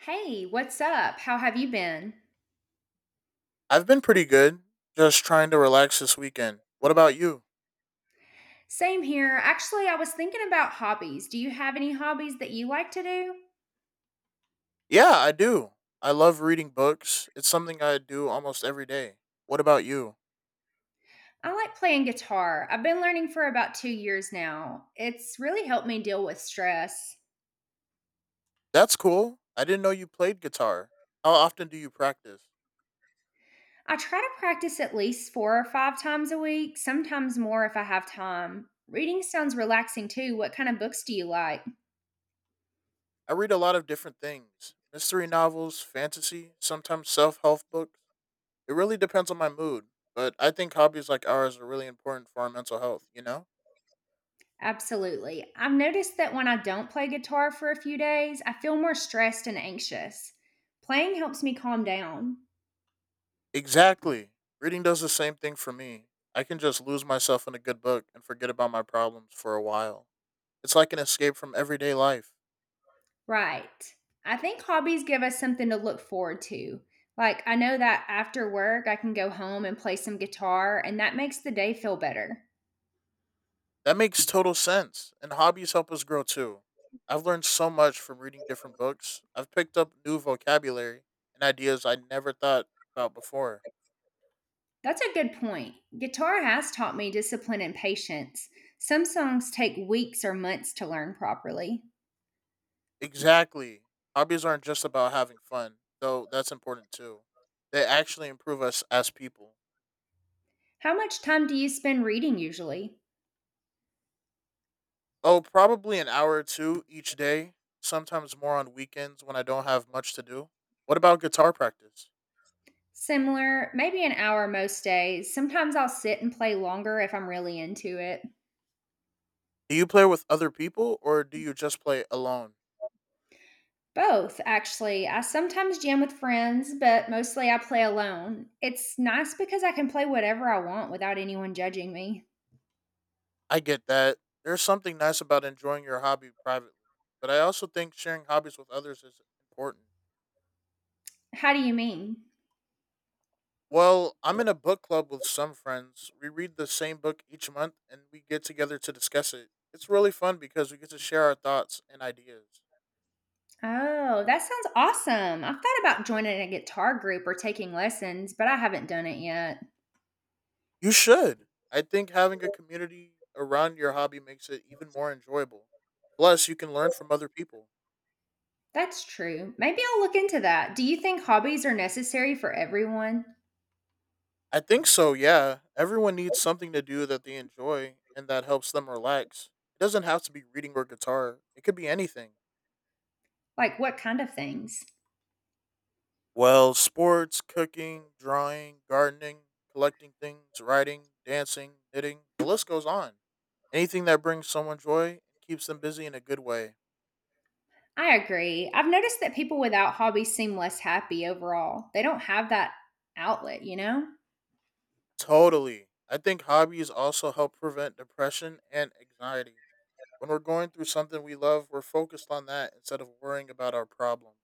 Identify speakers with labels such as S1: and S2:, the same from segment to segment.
S1: Hey, what's up? How have you been?
S2: I've been pretty good, just trying to relax this weekend. What about you?
S1: Same here. Actually, I was thinking about hobbies. Do you have any hobbies that you like to do?
S2: Yeah, I do. I love reading books. It's something I do almost every day. What about you?
S1: I like playing guitar. I've been learning for about 2 years now. It's really helped me deal with stress.
S2: That's cool. I didn't know you played guitar. How often do you practice?
S1: I try to practice at least four or five times a week, sometimes more if I have time. Reading sounds relaxing too. What kind of books do you like?
S2: I read a lot of different things mystery novels, fantasy, sometimes self help books. It really depends on my mood, but I think hobbies like ours are really important for our mental health, you know?
S1: Absolutely. I've noticed that when I don't play guitar for a few days, I feel more stressed and anxious. Playing helps me calm down.
S2: Exactly. Reading does the same thing for me. I can just lose myself in a good book and forget about my problems for a while. It's like an escape from everyday life.
S1: Right. I think hobbies give us something to look forward to. Like, I know that after work, I can go home and play some guitar, and that makes the day feel better.
S2: That makes total sense, and hobbies help us grow too. I've learned so much from reading different books. I've picked up new vocabulary and ideas I never thought about before.
S1: That's a good point. Guitar has taught me discipline and patience. Some songs take weeks or months to learn properly.
S2: Exactly. Hobbies aren't just about having fun, though that's important too. They actually improve us as people.
S1: How much time do you spend reading usually?
S2: Oh, probably an hour or two each day, sometimes more on weekends when I don't have much to do. What about guitar practice?
S1: Similar, maybe an hour most days. Sometimes I'll sit and play longer if I'm really into it.
S2: Do you play with other people or do you just play alone?
S1: Both, actually. I sometimes jam with friends, but mostly I play alone. It's nice because I can play whatever I want without anyone judging me.
S2: I get that. There's something nice about enjoying your hobby privately, but I also think sharing hobbies with others is important.
S1: How do you mean?
S2: Well, I'm in a book club with some friends. We read the same book each month and we get together to discuss it. It's really fun because we get to share our thoughts and ideas.
S1: Oh, that sounds awesome. I've thought about joining a guitar group or taking lessons, but I haven't done it yet.
S2: You should. I think having a community around your hobby makes it even more enjoyable. Plus, you can learn from other people.
S1: That's true. Maybe I'll look into that. Do you think hobbies are necessary for everyone?
S2: I think so, yeah. Everyone needs something to do that they enjoy and that helps them relax. It doesn't have to be reading or guitar, it could be anything.
S1: Like, what kind of things?
S2: Well, sports, cooking, drawing, gardening, collecting things, writing, dancing, knitting, the list goes on. Anything that brings someone joy and keeps them busy in a good way.
S1: I agree. I've noticed that people without hobbies seem less happy overall. They don't have that outlet, you know?
S2: Totally. I think hobbies also help prevent depression and anxiety. When we're going through something we love, we're focused on that instead of worrying about our problems.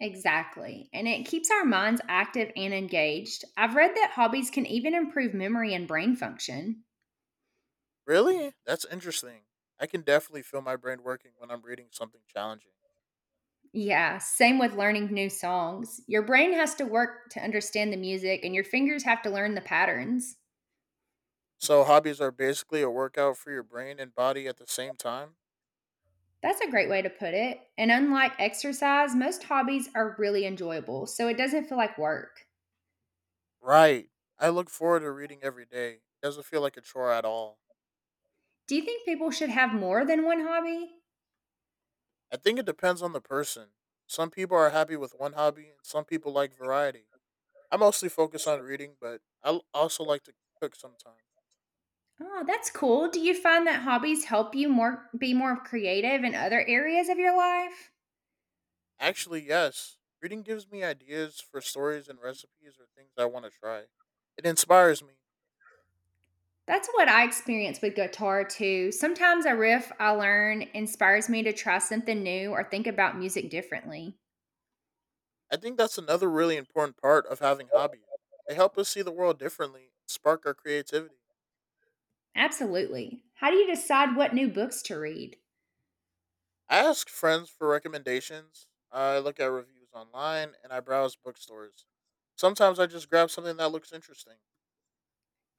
S1: Exactly. And it keeps our minds active and engaged. I've read that hobbies can even improve memory and brain function.
S2: Really? That's interesting. I can definitely feel my brain working when I'm reading something challenging.
S1: Yeah, same with learning new songs. Your brain has to work to understand the music, and your fingers have to learn the patterns.
S2: So, hobbies are basically a workout for your brain and body at the same time?
S1: That's a great way to put it. And unlike exercise, most hobbies are really enjoyable, so it doesn't feel like work.
S2: Right. I look forward to reading every day. It doesn't feel like a chore at all.
S1: Do you think people should have more than one hobby?
S2: I think it depends on the person. Some people are happy with one hobby, and some people like variety. I mostly focus on reading, but I also like to cook sometimes.
S1: Oh, that's cool. Do you find that hobbies help you more be more creative in other areas of your life?
S2: Actually, yes, reading gives me ideas for stories and recipes or things I want to try. It inspires me.
S1: That's what I experience with guitar too. Sometimes a riff I learn inspires me to try something new or think about music differently.
S2: I think that's another really important part of having hobbies. They help us see the world differently, spark our creativity.
S1: Absolutely. How do you decide what new books to read?
S2: I ask friends for recommendations, I look at reviews online, and I browse bookstores. Sometimes I just grab something that looks interesting.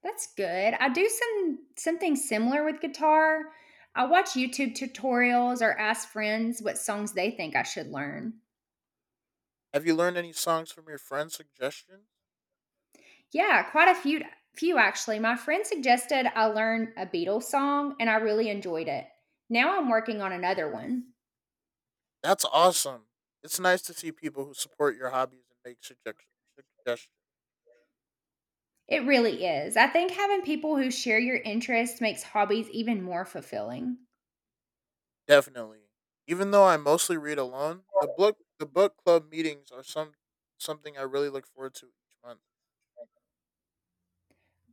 S1: That's good. I do something similar with guitar. I watch YouTube tutorials or ask friends what songs they think I should learn.
S2: Have you learned any songs from your friends' suggestions?
S1: Yeah, quite a few actually. My friend suggested I learn a Beatles song and I really enjoyed it. Now I'm working on another one.
S2: That's awesome. It's nice to see people who support your hobbies and make suggestions.
S1: It really is. I think having people who share your interests makes hobbies even more fulfilling.
S2: Definitely. Even though I mostly read alone, the book club meetings are something I really look forward to each month.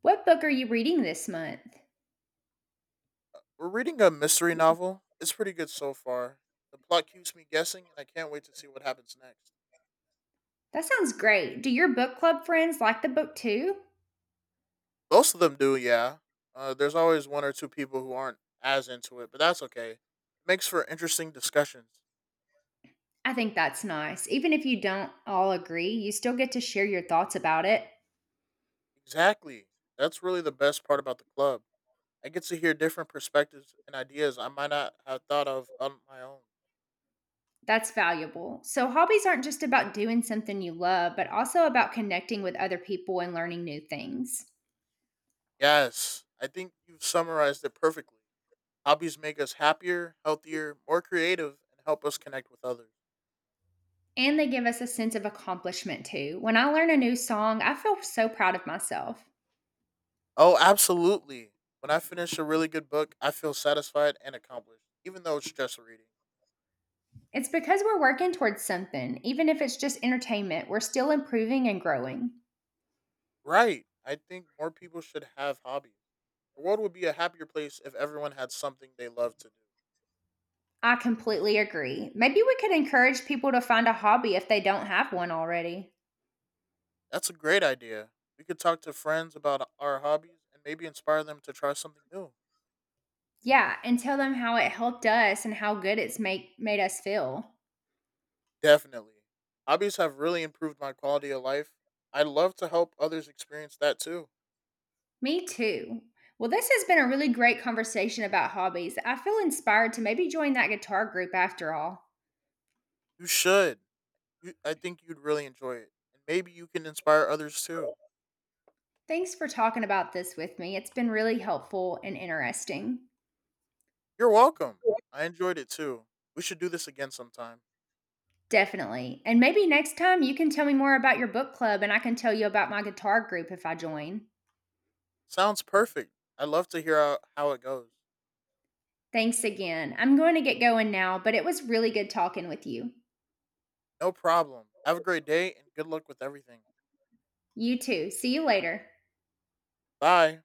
S1: What book are you reading this month?
S2: We're reading a mystery novel. It's pretty good so far. The plot keeps me guessing, and I can't wait to see what happens next.
S1: That sounds great. Do your book club friends like the book too?
S2: Most of them do, yeah. There's always one or two people who aren't as into it, but that's okay. It makes for interesting discussions.
S1: I think that's nice. Even if you don't all agree, you still get to share your thoughts about it.
S2: Exactly. That's really the best part about the club. I get to hear different perspectives and ideas I might not have thought of on my own.
S1: That's valuable. So, hobbies aren't just about doing something you love, but also about connecting with other people and learning new things.
S2: Yes, I think you've summarized it perfectly. Hobbies make us happier, healthier, more creative, and help us connect with others.
S1: And they give us a sense of accomplishment too. When I learn a new song, I feel so proud of myself.
S2: Oh, absolutely. When I finish a really good book, I feel satisfied and accomplished, even though it's just reading.
S1: It's because we're working towards something. Even if it's just entertainment, we're still improving and growing.
S2: Right. I think more people should have hobbies. The world would be a happier place if everyone had something they love to do.
S1: I completely agree. Maybe we could encourage people to find a hobby if they don't have one already.
S2: That's a great idea. We could talk to friends about our hobbies and maybe inspire them to try something new.
S1: Yeah, and tell them how it helped us and how good it's make made us feel.
S2: Definitely. Hobbies have really improved my quality of life. I'd love to help others experience that too.
S1: Me too. Well, this has been a really great conversation about hobbies. I feel inspired to maybe join that guitar group after all.
S2: You should. I think you'd really enjoy it. And maybe you can inspire others too.
S1: Thanks for talking about this with me. It's been really helpful and interesting.
S2: You're welcome. I enjoyed it too. We should do this again sometime.
S1: Definitely. And maybe next time you can tell me more about your book club and I can tell you about my guitar group if I join.
S2: Sounds perfect. I'd love to hear how it goes.
S1: Thanks again. I'm going to get going now, but it was really good talking with you.
S2: No problem. Have a great day and good luck with everything.
S1: You too. See you later.
S2: Bye.